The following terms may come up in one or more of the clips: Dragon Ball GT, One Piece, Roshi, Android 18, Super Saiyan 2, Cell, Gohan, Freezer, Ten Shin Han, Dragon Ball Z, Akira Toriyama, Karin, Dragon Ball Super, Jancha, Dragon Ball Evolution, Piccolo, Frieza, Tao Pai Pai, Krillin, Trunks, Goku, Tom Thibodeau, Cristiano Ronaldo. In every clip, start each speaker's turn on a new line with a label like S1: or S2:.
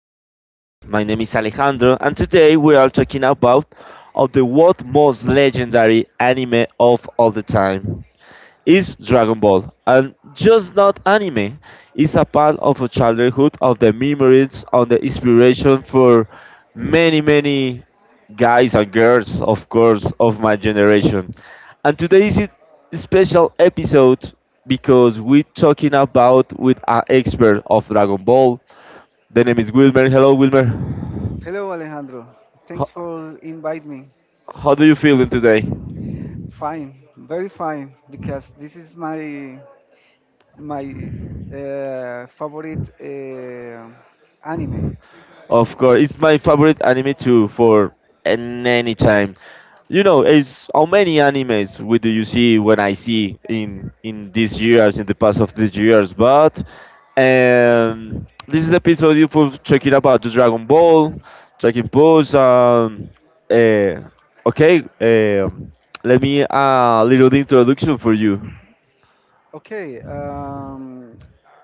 S1: Podcast. My name is Alejandro, and today we are talking about of the world most legendary anime of all the time is Dragon Ball, and just not anime. It's a part of a childhood, of the memories, on the inspiration for many, many guys and girls, of course, of my generation. And today is a special episode because we're talking about with an expert of Dragon Ball. The name is Wilmer. Hello, Wilmer.
S2: Hello, Alejandro.
S1: How,
S2: Thanks for inviting me.
S1: how do you feeling today?
S2: Fine, very fine, because this is my favorite anime.
S1: Of course, it's my favorite anime too for an any time. You know, it's how many animes we do you see when I see in these years, in the past of these years, but this is the episode you for checking about the Dragon Ball, Dragon Balls. Uh, okay, eh, um Let me a little introduction for you.
S2: Okay, um,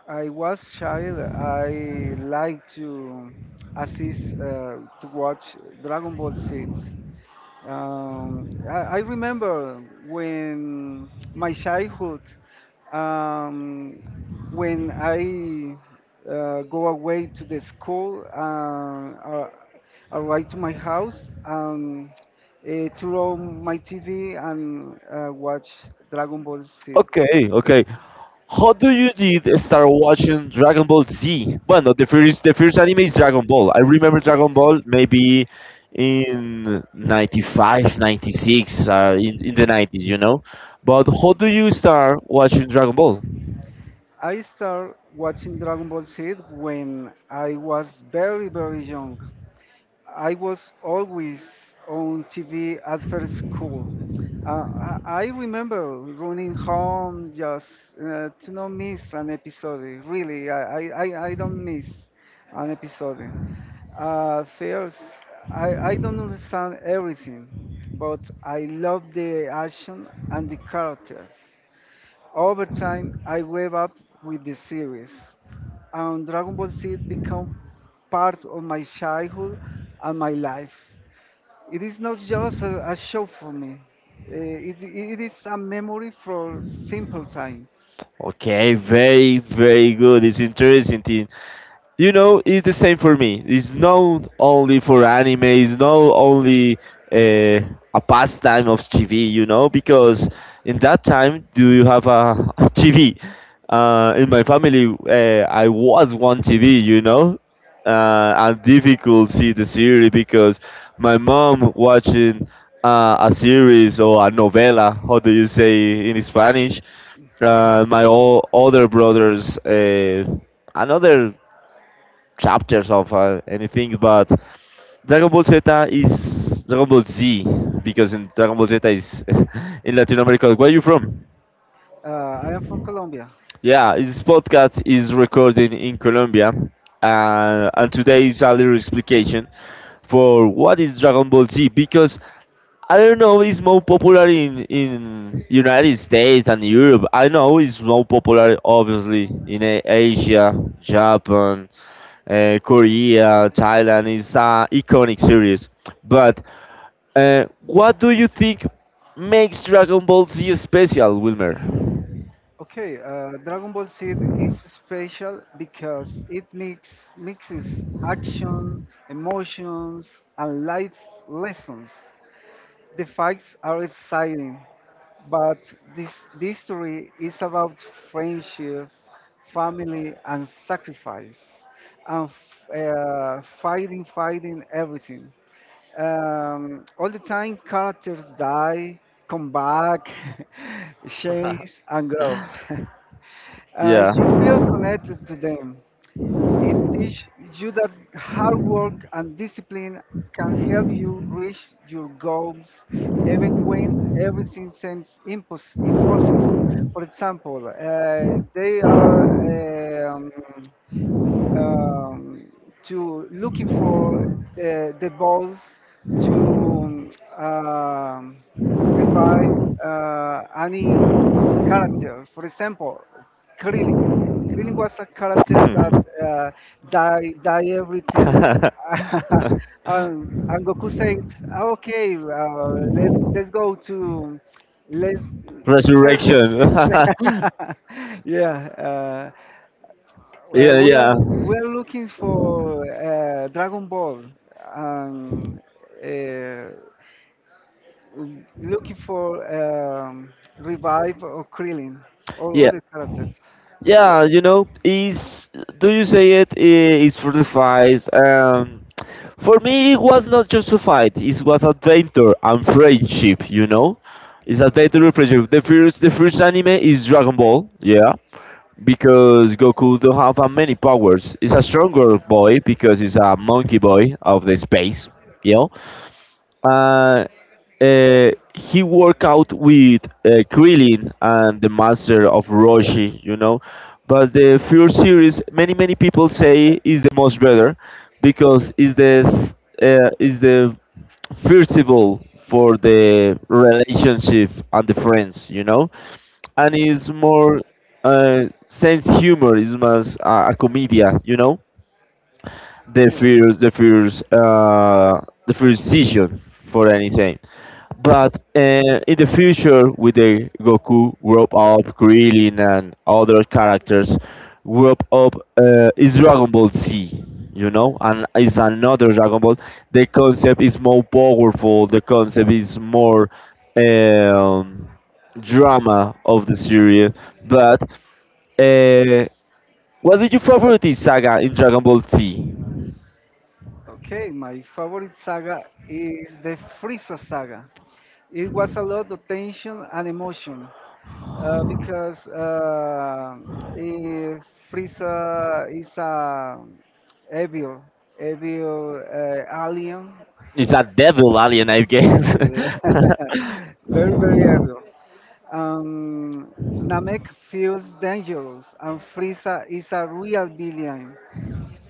S2: I was child. I like to assist to watch Dragon Ball Z. I remember when my childhood, um, when I go away to the school, arrive to my house, turn on my TV and watch Dragon Ball Z.
S1: Okay, okay. How do you did start watching Dragon Ball Z? Well, no, the first anime is Dragon Ball. I remember Dragon Ball maybe in '95, '96, in the 90s, you know. But how do you start watching Dragon Ball?
S2: I start watching Dragon Ball Z when I was very, very young. I was always on TV after school. Uh, I remember running home just to not miss an episode. Really, I don't miss an episode. First, I don't understand everything, but I love the action and the characters. Over time, I grew up with the series, and Dragon Ball Z became part of my childhood and my life. It is not just a show for me. It is a memory for simple times.
S1: Okay, very, very good. It's interesting. You know, it's the same for me, it's not only for anime, it's not only uh, a pastime of TV, you know, because in that time do you have a, TV in my family, I was one TV, you know, and difficult see the series because my mom watching a series or a novela, how do you say in Spanish, my older brothers, another chapters of anything, but Dragon Ball Z is Dragon Ball Z because in Dragon Ball Z is in Latin America. Where are you from?
S2: I am from Colombia.
S1: Yeah, this podcast is recorded in Colombia, and today is a little explication for what is Dragon Ball Z because I don't know, it's more popular in United States and Europe. I know it's more popular obviously in Asia, Japan, Korea, Thailand is an iconic series. But what do you think makes Dragon Ball Z special, Wilmer?
S2: Okay, Dragon Ball Z is special because it mixes action, emotions, and life lessons. The fights are exciting, but this story is about friendship, family, and sacrifice, and fighting everything. All the time, characters die, come back, change, and grow. You feel
S1: Yeah.
S2: connected to them, it teaches you that hard work and discipline can help you reach your goals even when everything seems impossible. For example, they are. Um, um, to looking for the balls to um, revive any character. For example, Krillin. Krillin was a character that uh, die die everything. And Goku says, "Ah, okay, let's go to let's search,
S1: Resurrection.
S2: yeah,
S1: Yeah, yeah.
S2: we are looking for Dragon Ball and uh, looking for revive or Krillin or
S1: Yeah.
S2: other characters.
S1: Yeah, you know, is do you say it is for the fight? For me, it was not just a fight. It was adventure and friendship. You know, it's adventure and friendship. The first anime is Dragon Ball. Yeah, because Goku don't have many powers. He's a stronger boy because he's a monkey boy of the space. Yeah, uh, he worked out with Krillin and the master of Roshi, you know. But the first series, many many people say is the most better because is is the first of all for the relationship and the friends, you know, and is more sense humor is more a comedia, you know. The
S2: Yeah.
S1: first the first uh, the first season for anything. But in the future, with the Goku group up, Krillin, and other characters, group up is Dragon Ball Z, you know, and is another Dragon Ball. The concept is more powerful. The concept is more um, drama of the series. But uh, what did you favorite saga in Dragon Ball Z?
S2: Okay, my favorite saga is the Frieza saga. It was a lot of tension and emotion because eh, Frieza is a evil, evil alien
S1: It's a devil alien, I guess.
S2: very, very early. Um, Namek feels dangerous, and Frieza is a real villain.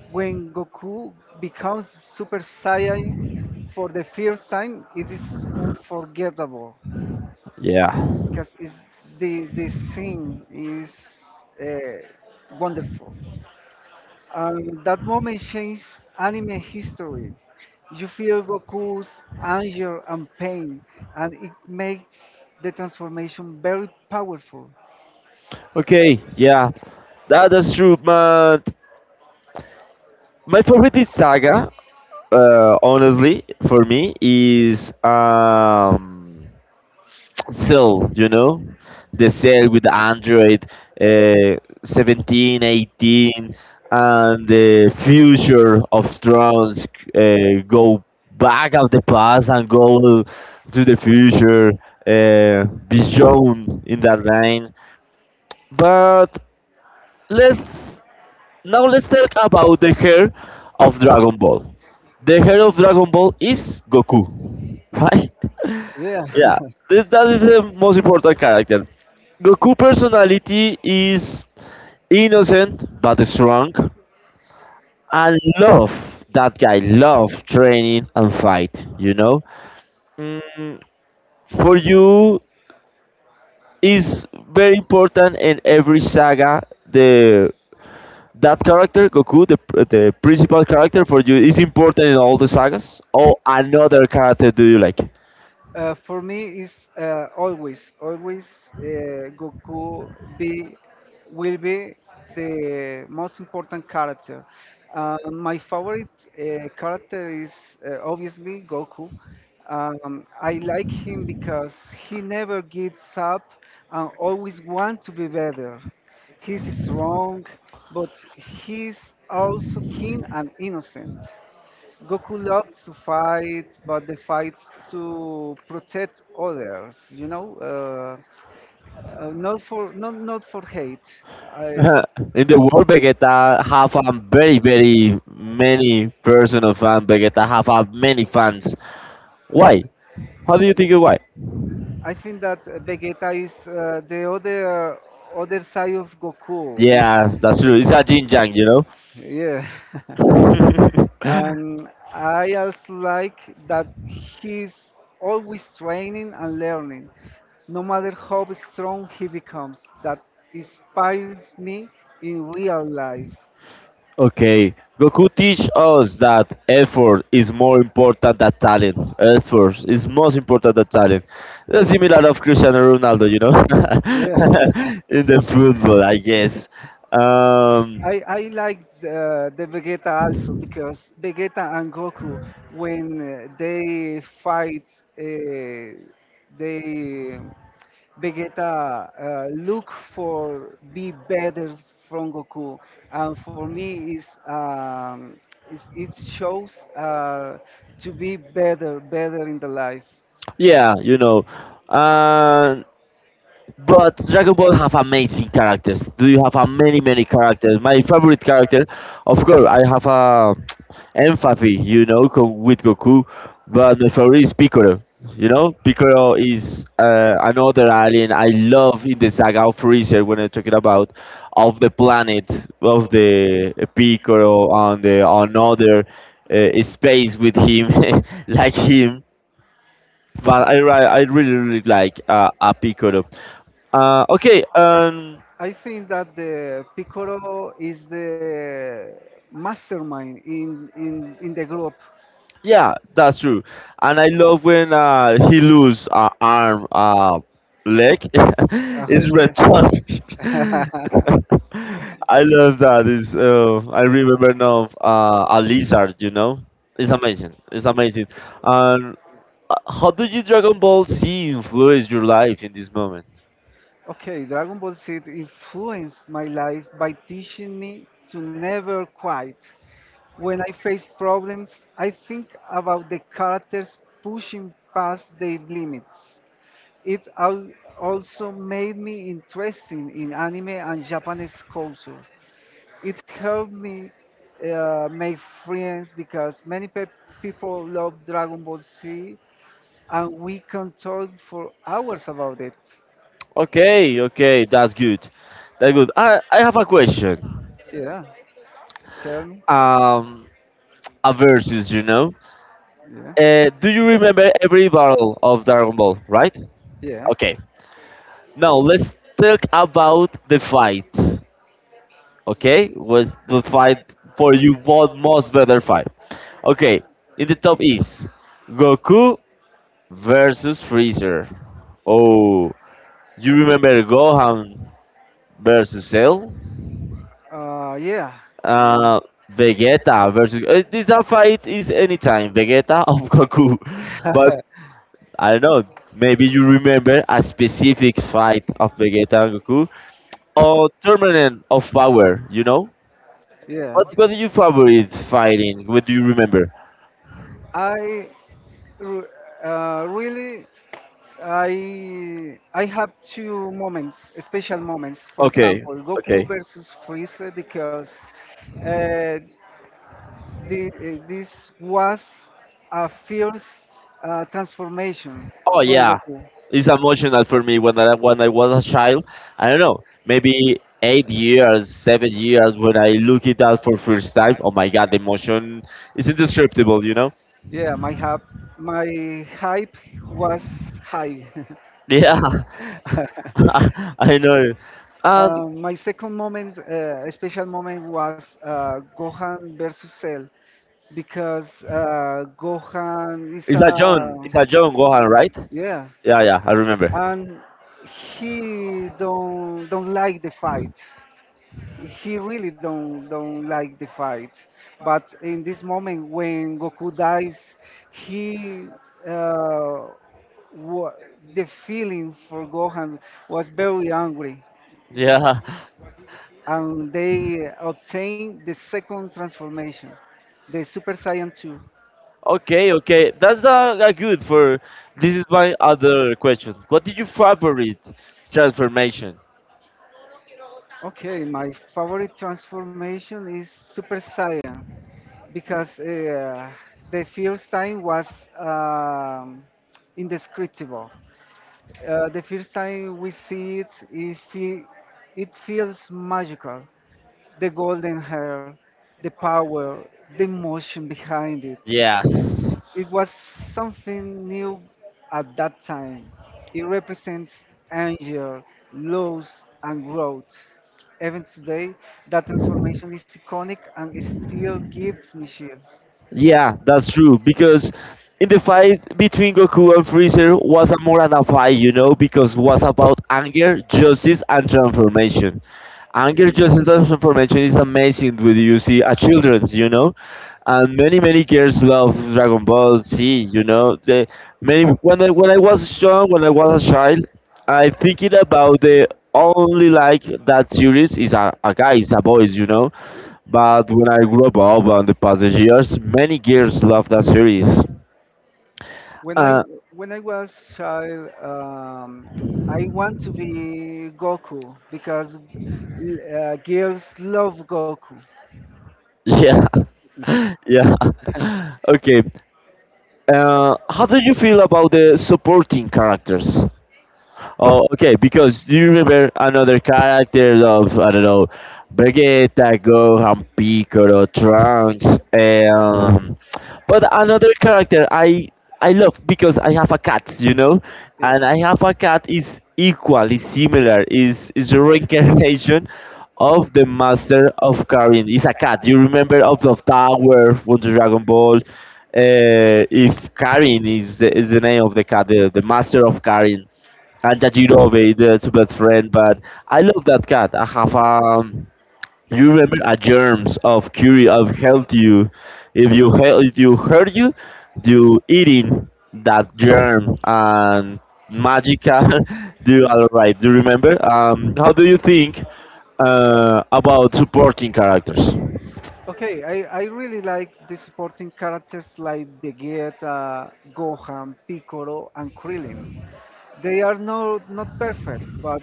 S2: When Goku becomes Super Saiyan for the first time, it is unforgettable
S1: Yeah.
S2: because the scene is uh, wonderful. That moment changed anime history. You feel Goku's anger and pain, and it makes the transformation very powerful.
S1: Okay, yeah, that, that's true, man. My favorite is Saga, honestly, for me, is Cell, you know? The Cell with Android uh, 17, 18, and the future of Thrones go back of the past and go to the future, be shown in that line. But let's Now let's talk about the hair of Dragon Ball. The hair of Dragon Ball is Goku, right?
S2: Yeah.
S1: Yeah, that is the most important character. Goku personality is innocent but strong and love, that guy love training and fight, you know. mm, for you is very important in every saga the that character, Goku, the principal character for you, is important in all the sagas? Or another character do you like?
S2: For me, is always, always uh, Goku be will be the most important character. My favorite character is obviously Goku. I like him because he never gives up and always wants to be better. He's strong, but he's also keen and innocent. Goku loves to fight, but the fights to protect others. You know, not for not for hate. I
S1: In the world, Vegeta have a very, very many person of fan. Vegeta have a many fans. Why? How do you think why?
S2: I think that Vegeta is the other side of Goku. Is
S1: Yeah, that's true. It's a yin yang, you
S2: yeah. Yeah,
S1: know.
S2: and I also like that he's always training and learning no matter how strong he becomes, that inspires me in real life.
S1: Okay, Goku teach us that effort is more important than talent. Effort is most important than talent. That's similar of Cristiano Ronaldo, you know,
S2: Yeah.
S1: in the football, I guess. Um,
S2: I liked the Vegeta also because Vegeta and Goku, when they fight, uh, they Vegeta look for be better from Goku, and for me is it shows to be better, better in the life.
S1: yeah, you know, but Dragon Ball have amazing characters. Do you have a many many characters? My favorite character, of course, I have a empathy, you know, with Goku. But my favorite is Piccolo. You know, Piccolo is another alien I love in the saga of Freezer when I'm talking about of the planet of the Piccolo on the another space with him, like him. But I really really like a piccolo. Uh, okay, um,
S2: I think that the Piccolo is the mastermind in the group.
S1: yeah, that's true. And I love when he lose arm, leg.
S2: Oh,
S1: It's returned.
S2: yeah.
S1: I love that. Is I remember now a lizard. You know, it's amazing. It's amazing. And how did you Dragon Ball Z influence your life in this moment?
S2: Okay, Dragon Ball Z influenced my life by teaching me to never quit. When I face problems, I think about the characters pushing past their limits. It also made me interested in anime and Japanese culture. It helped me make friends because many people love Dragon Ball Z and we can talk for hours about it.
S1: Okay, okay, that's good. That's good. I have a question.
S2: Yeah, tell me.
S1: um, a versus, you know.
S2: Yeah,
S1: Do you remember every battle of Dragon Ball, right?
S2: yeah,
S1: Okay. Now let's talk about the fight. Okay, was the fight for you what most better fight? Okay, in the top is Goku versus Freezer. Oh, you remember Gohan versus Cell?
S2: yeah, yeah.
S1: Uh, Vegeta versus. This a fight is anytime Vegeta of Goku, but I don't know. Maybe you remember a specific fight of Vegeta and Goku or tournament of power. You know.
S2: Yeah.
S1: What do you favorite fighting? What do you remember?
S2: I re- really I have two moments, special moments. For
S1: Okay,
S2: example, Goku
S1: okay.
S2: versus Freezer because uh, this was a fierce transformation
S1: Oh
S2: from
S1: yeah,
S2: Goku.
S1: it's emotional for me when I was a child. I don't know, maybe 8 years, 7 years when I look it out for first time. Oh my god, the emotion is indescribable. You know?
S2: Yeah, my hype was high.
S1: Yeah, I know. And
S2: My second moment, special moment, was Gohan versus Cell because Gohan is
S1: it's
S2: a
S1: a John. It's a John Gohan, right?
S2: yeah,
S1: Yeah, yeah, I remember.
S2: and he don't like the fight. He really don't like the fight. But in this moment when Goku dies, he uh, wa- the feeling for Gohan was very angry,
S1: Yeah.
S2: and they obtained the second transformation, the Super Saiyan 2.
S1: Okay, okay. That's good for this is my other question. What did you favorite transformation?
S2: Okay, my favorite transformation is Super Saiyan because the first time was um, indescriptible. The first time we see it feels magical. The golden hair, the power, the emotion behind it.
S1: Yes.
S2: It was something new at that time. It represents anger, loss, and growth. Even today, that transformation is iconic and it still gives me chills.
S1: Yeah, that's true. Because in the fight between Goku and Freezer was a more than a fight, you know, because was about anger, justice, and transformation. Anger,
S2: Yeah.
S1: justice, and transformation is amazing when you see a children's, you know, and many many girls love Dragon Ball Z, you know. The many when I was young, when I was a child, I thinking about the only like that series is a guys, a boys, you know, but when I grew up over in the past years, many girls love that series.
S2: When I
S1: Uh,
S2: when I was child, I want to be Goku because girls love Goku.
S1: yeah, yeah. Okay. How do you feel about the supporting characters? Oh, okay. Because do you remember another characters of I don't know, Vegeta, Gohan, Piccolo, Trunks, um, but another character I love because I have a cat, you know,
S2: Yeah.
S1: and I have a cat is equally similar. Is a reincarnation of the master of Karin. It's a cat. You remember of the Tower from the Dragon Ball. If Karin is the name of the cat, the master of Karin and that you know me, the to best friend. But I love that cat. I have you remember a germs of curie of health you, if you hurt you, you eating that germ and magical. Do you all right? Do you remember? How do you think about supporting characters?
S2: I really like the supporting characters like Vegeta, Gohan, Piccolo, and Krillin. They are no, not perfect, but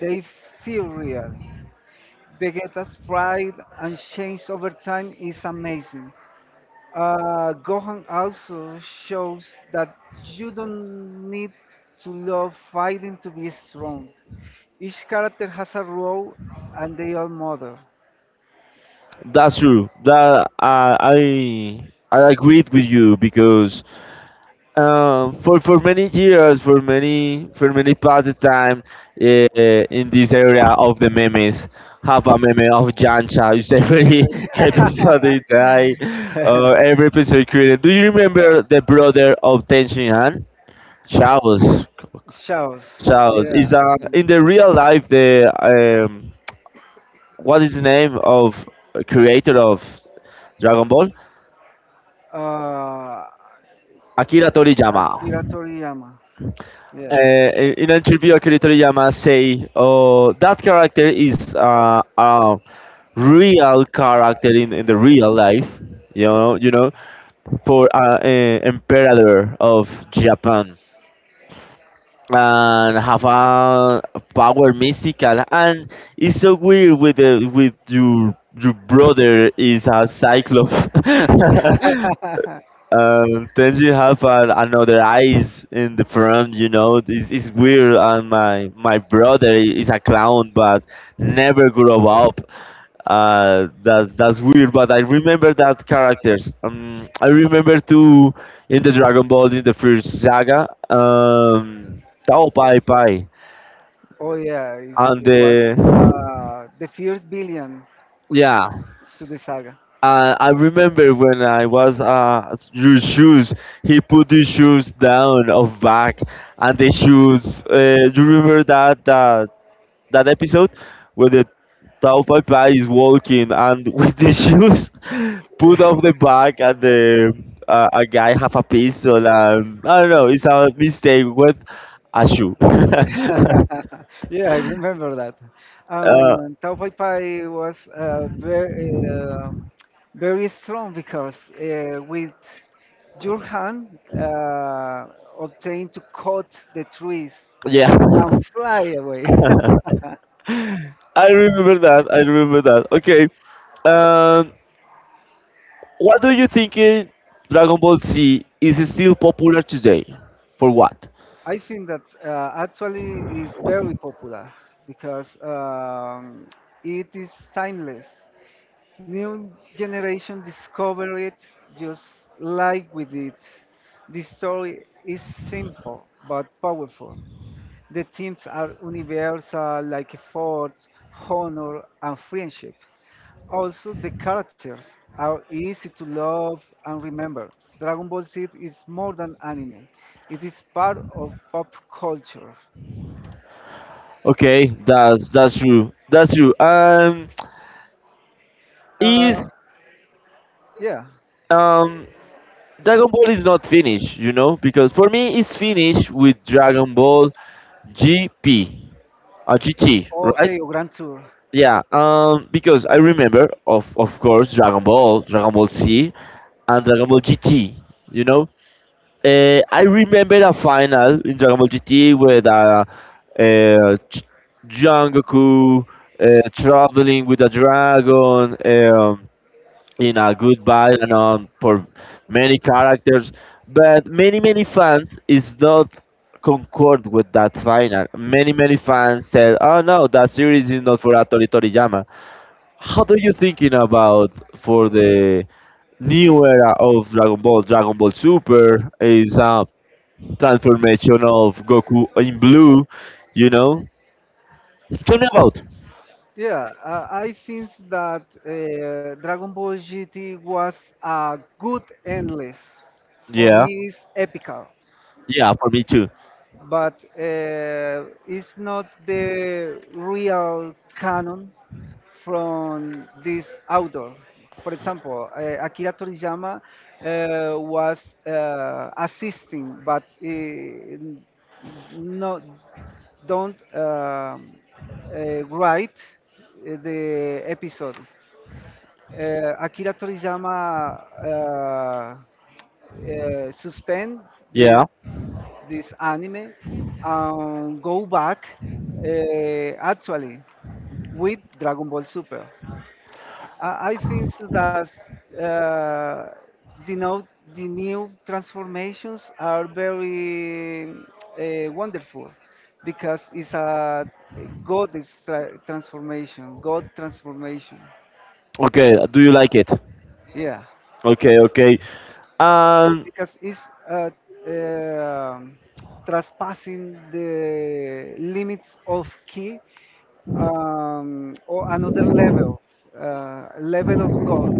S2: they feel real. Vegeta's pride and change over time is amazing. Gohan also shows that you don't need to love fighting to be strong. Each character has a role and they all matter.
S1: That's true. That I agreed with you because for many years, for many past time, uh, in this area of the memes, have a meme of Jancha. It's every episode is die, every episode created. Do you remember the brother of Ten Shin Han? Charles.
S2: Shows,
S1: Charles is
S2: yeah.
S1: in the real life the what is the name of creator of Dragon Ball?
S2: Uh,
S1: Akira Toriyama.
S2: Akira Toriyama,
S1: Uh,
S2: yeah.
S1: in an interview, Akira Toriyama say, "Oh, that character is a real character in the real life, you know, for emperor of Japan." And have a power mystical and it's so weird with the with your brother is a cyclop.
S2: Real character, real. You know,
S1: Then you have another eyes in the front. You know, it's weird. And my brother is a clown, but never grew up. That's weird. But I remember that characters. I remember too in the Dragon Ball in the first saga. Tao Pai Pai
S2: oh yeah,
S1: and
S2: it was
S1: the
S2: the first billion
S1: yeah.
S2: to the saga.
S1: I remember when I was your shoes. He put the shoes down of back, and the shoes. You remember that episode where the Tao Pai Pai is walking and with the shoes put off the back, and the a guy have a pistol and I don't know. It's a mistake with a shoe.
S2: Yeah, I remember that. Tau Pai Pai was very strong because with your hand obtained to cut the trees
S1: Yeah,
S2: and fly away.
S1: I remember that. I remember that. Okay. Um, What do you think Dragon Ball Z is still popular today? For what?
S2: I think that actually is very popular because it is timeless. New generation discover it just like we did. The story is simple but powerful. The themes are universal like force, honor, and friendship. Also, the characters are easy to love and remember. Dragon Ball Z is more than anime, it is part of pop culture.
S1: Okay, that's true. That's true.
S2: Uh,
S1: Is
S2: yeah.
S1: um Dragon Ball is not finished, you know, because for me it's finished with Dragon Ball GP, GT, right?
S2: Okay, or Grand Tour.
S1: Yeah. Because I remember of course Dragon Ball, Dragon Ball Z, and Dragon Ball GT. You know, I remember a final in Dragon Ball GT with a uh, Ch- young Goku uh, traveling with a dragon um, in a good battle and on for many characters, but many fans is not concord with that final. Many fans said, "Oh no, that series is not for Atori Toriyama." How do you thinking about for the new era of Dragon Ball? Dragon Ball Super is transformation of Goku in blue, you know? Tell me about.
S2: Yeah, I think that Dragon Ball GT was a good endless. For
S1: Yeah,
S2: me, it's epical.
S1: yeah, for me too.
S2: But it's not the real canon from this author. For example, Akira Toriyama was assisting, but no, don't write the episodes. Akira Toriyama suspend yeah,
S1: Yeah.
S2: this anime and go back actually with Dragon Ball Super. I think that uh, now, the new transformations are very wonderful because it's a transformation, God transformation.
S1: Okay, do you like it?
S2: Yeah.
S1: Okay, okay. Um,
S2: Because it's uh, um trespassing the limits of key, or another level, level of God.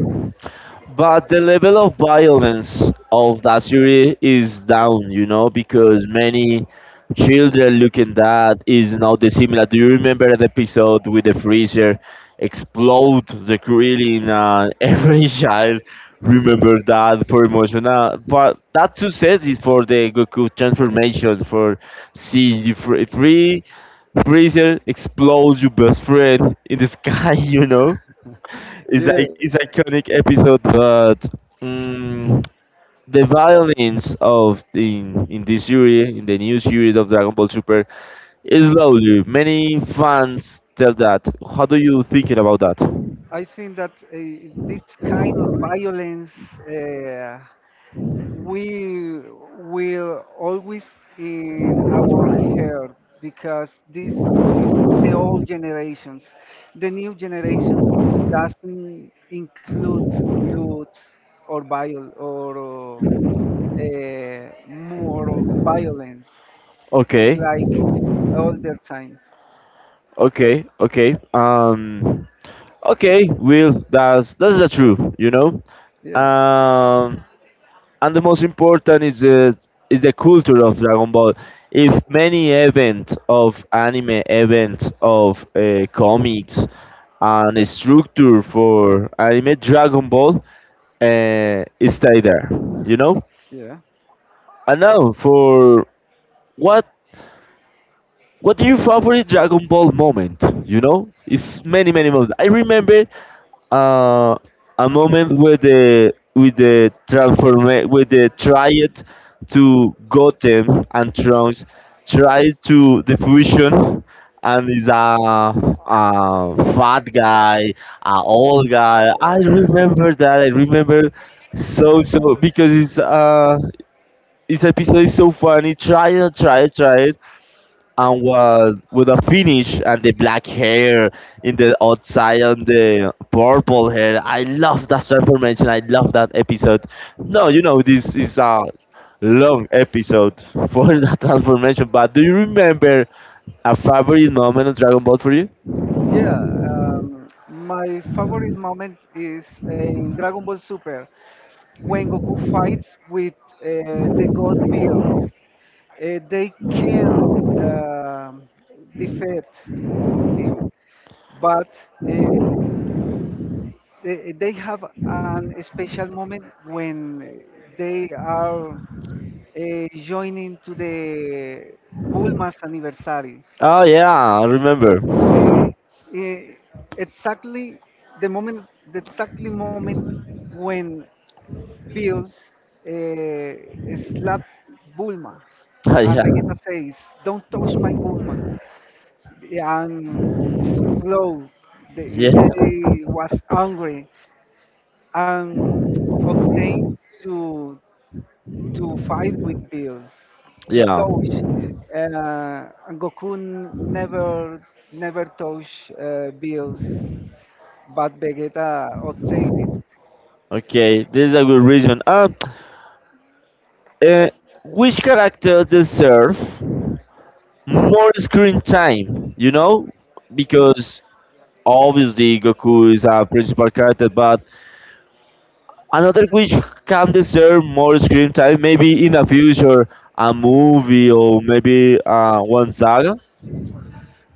S1: But the level of violence of that series is down, you know, because many children looking that is now dissimilar. Do you remember the episode with the freezer explode the grilling and every child remember that for emotional but that success is for the Goku transformation for seeing you freezer explodes your best friend in the sky, you know? It's
S2: Yeah,
S1: like it's iconic episode, but mm, the violence of the in this series, in the new series of Dragon Ball Super, is slowly. Many fans tell that. How do you thinking about that?
S2: I think that this kind of violence. Uh, we will always in our hair because this is the old generations. The new generations doesn't include blood or viol or more violence
S1: Okay,
S2: like older times.
S1: okay, okay. Okay. Will that's the truth. You know.
S2: Yeah,
S1: Um, and the most important is the culture of Dragon Ball. If many event of anime, event of comics, and a structure for anime Dragon Ball stay there, you know.
S2: yeah.
S1: And now for what what your favorite Dragon Ball moment? You know, it's many moments. I remember uh, a moment with the with the triad to Goten and Trunks tried to the fusion and is a fat guy, a old guy. I remember that. I remember so because it's this episode is so funny. Try it, try it, try and was with a finish and the black hair in the outside and the purple hair. I love that transformation. I love that episode. No, you know this is a long episode for that transformation. But do you remember a favorite moment of Dragon Ball for you?
S2: Yeah, my favorite moment is in Dragon Ball Super when Goku fights with the God Bills. They can um defeat him, but uh, they have an special moment when they are joining to the Bulma's anniversary.
S1: Oh yeah, I remember.
S2: Eh, eh, exactly the moment, the exactly moment when Bills uh, slapped Bulma,
S1: Oh,
S2: and
S1: yeah,
S2: Vegeta says, "Don't touch my Bulma," and explode.
S1: yeah,
S2: They was angry and obtained to fight with Bills to
S1: yeah.
S2: touch. And Goku never never touch Bills but Vegeta obtained it.
S1: Okay, this is a good reason. Uh, which character deserve more screen time, you know, because obviously Goku is a principal character, but another which can deserve more screen time, maybe in the future, a movie or maybe one saga.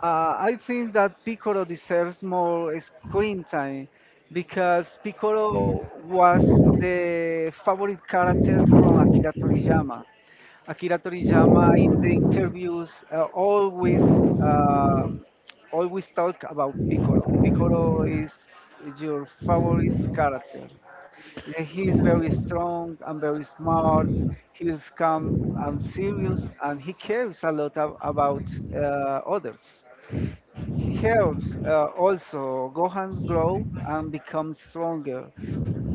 S2: I think that Piccolo deserves more screen time because Piccolo was the favorite character from Akira Toriyama. Akira Toriyama in the interviews always um always talk about Piccolo. Piccolo is your favorite character. He is very strong and very smart. He is calm and serious, and he cares a lot about uh, others. He helps also Gohan grow and become stronger.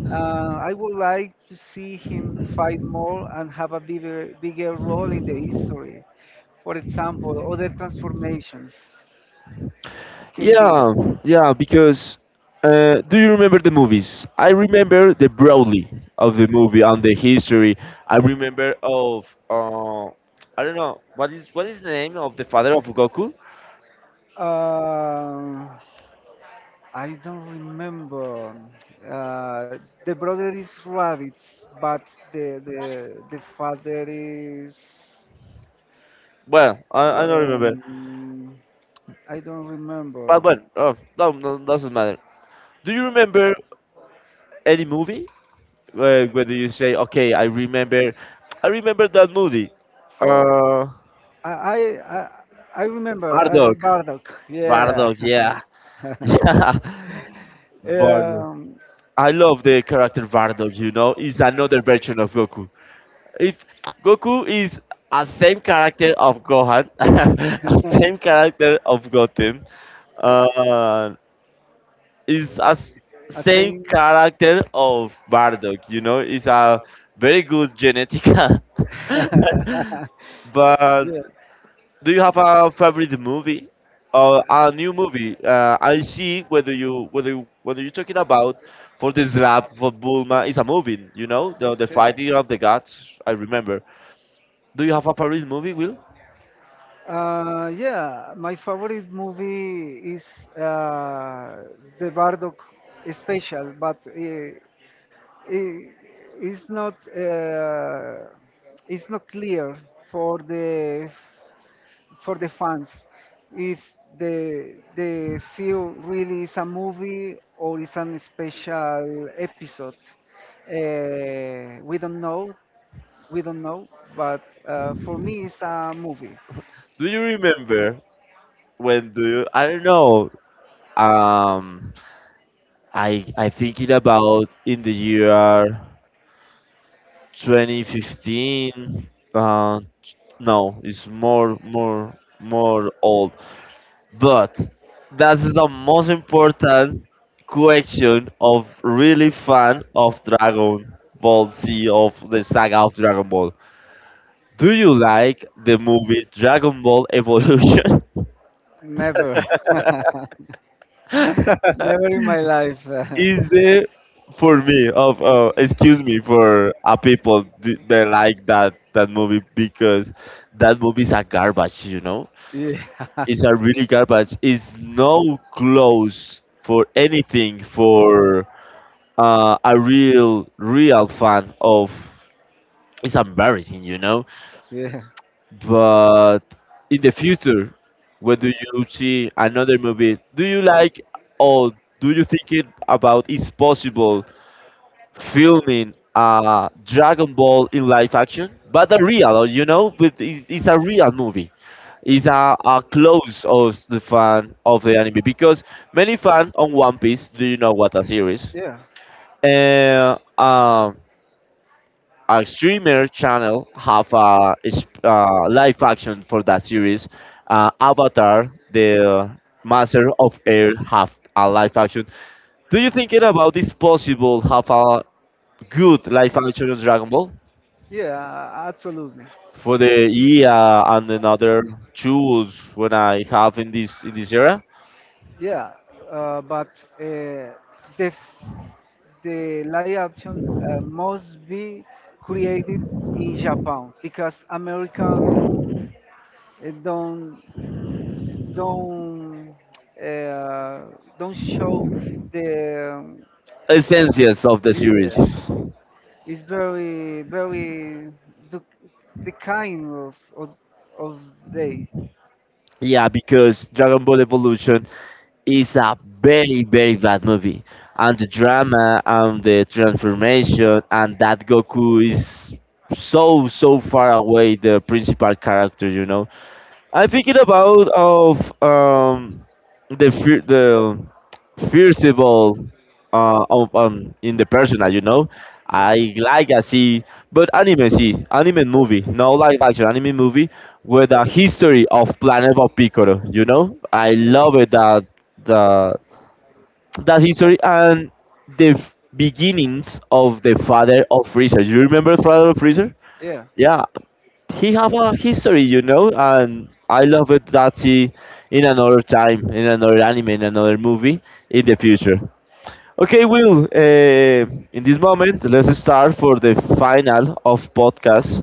S2: I would like to see him fight more and have a bigger role in the history. For example, other transformations can be.
S1: Yeah, yeah, because do you remember the movies? I remember the broadly of the movie and the history. I remember of I don't know what is the name of the father of Goku.
S2: Uh, I don't remember. Uh, the brother is Raditz, but the father is.
S1: Well, I don't remember.
S2: Um, I don't
S1: But
S2: remember.
S1: when? Oh, no, no, doesn't matter. Do you remember any movie where do you say, okay, I remember that movie?
S2: Oh,
S1: Uh,
S2: I I I, I remember
S1: Bardock.
S2: Bardock. Yeah.
S1: Bardock, yeah, yeah, Bardock.
S2: um,
S1: I love the character Bardock. You know, is another version of Goku. If Goku is a same character of Gohan, a same character of Goten, uh, is a s-
S2: a
S1: same
S2: same.
S1: character of Bardock. You know, it's a very good genetica. But
S2: Yeah.
S1: do you have a favorite movie or a new movie? I see whether you're talking about for the slap for Bulma is a movie. You know, the fighting of the gods. I
S2: Yeah.
S1: remember. Do you have a favorite movie, Will?
S2: Yeah, my favorite movie is the Bardock special, but i- it's not uh, it's not clear for the fans if the film really is a movie or is an special episode. We don't know, we don't know, but for me it's a movie.
S1: Do you remember when do you, I don't know. Um, I thinking about in the year 2015, uh no it's more old but that is the most important question of really fan of Dragon Ball Z, of the saga of Dragon Ball. Do you like the movie Dragon Ball Evolution?
S2: Never. Never in my life.
S1: Is the for me of excuse me for people they like that movie because that movie is a garbage you know.
S2: Yeah.
S1: It's a really garbage. It's no close for anything for a real, real fan of. It's embarrassing, you know.
S2: Yeah.
S1: But in the future, when do you see another movie? Do you like or do you think it about it's possible filming Dragon Ball in live action, but a real, you know, with it's a real movie. It's a close of the fan of the anime because many fans on One Piece, do you know what a series?
S2: Yeah.
S1: Uh, um, a streamer channel have a, live action for that series. Avatar, the Master of Air, have a live action. Do you think it about this possible have a good live action Dragon Ball
S2: Yeah, absolutely.
S1: for the EA and another tools when I have in this era.
S2: Yeah. But uh, the f- the live action must be created in Japan because American uh, don't don't uh, don't show the
S1: Essences of
S2: uh,
S1: the series.
S2: yeah it's very very the, the kind of day
S1: Yeah, because Dragon Ball Evolution is a very bad movie, and the drama and the transformation and that Goku is so far away the principal character, you know. I'm thinking about of the fear, the fearful of in the personal, you know.
S2: yeah
S1: I like I see but anime, see anime movie, no live action anime movie, with the history of Planet of Piccolo, you know? I
S2: yeah
S1: love it that the that history and the beginnings of the father of Freezer. You remember father of Freezer?
S2: yeah
S1: Yeah, he have a history, you know, and I love it that he in another time, in another anime, in another movie, in the future. Okay, Will. In this moment, let's start for the final of podcast.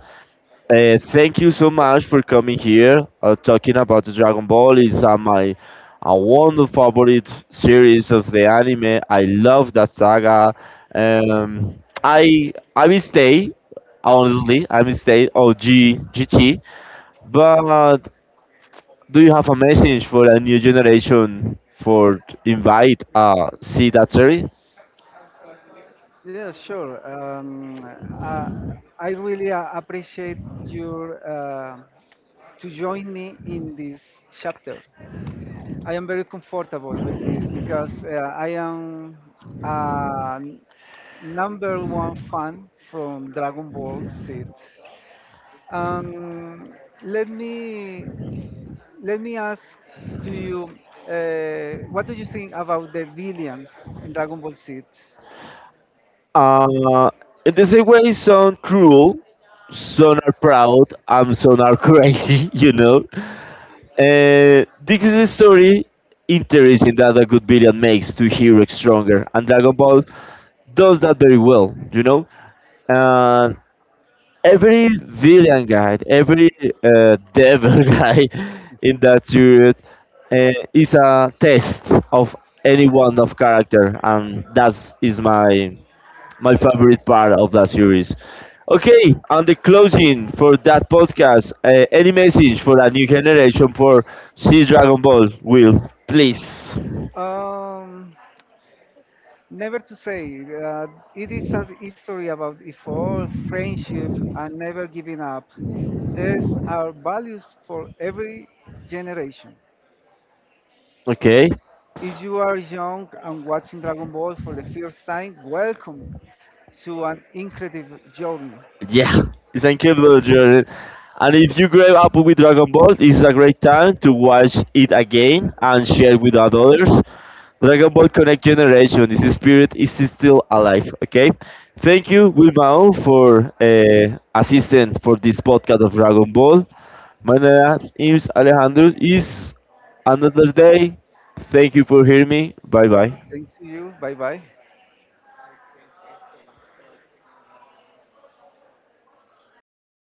S1: Thank you so much for coming here, talking about the Dragon Ball. It's my a wonderful favorite series of the anime. I love that saga. Um, I will stay honestly, I will stay OG GT but do you have a message for a new generation for invite see that series?
S2: yeah sure um uh, I really appreciate your to join me in this chapter. I am very comfortable with this because I am a number one fan from Dragon Ball Z. Um, Let me ask to you, what do you think about the villains in Dragon Ball Z?
S1: Uh in the same way some cruel, some are proud, and some are crazy, you know. This is a story interesting that a good villain makes to hero stronger and Dragon Ball does that very well, you know. And every villain guy, every devil guy in that series is a test of any one of character, and that is my favorite part of that series. Okay, and the closing for that podcast. Any message for a new generation for see Dragon Ball? Will please.
S2: Um, Never to say. It is a history about effort, friendship, and never giving up. These are values for every generation.
S1: Okay.
S2: If you are young and watching Dragon Ball for the first time, welcome to an incredible journey.
S1: Yeah, it's an incredible journey. And if you grew up with Dragon Ball, it's a great time to watch it again and share with others. Dragon Ball Connect Generation, its spirit is still alive. Okay, thank you, Wilmao, for assistant for this podcast of Dragon Ball. My name is Alejandro. Is another day. Thank you for hearing me. Bye bye.
S2: Thanks to you. Bye bye.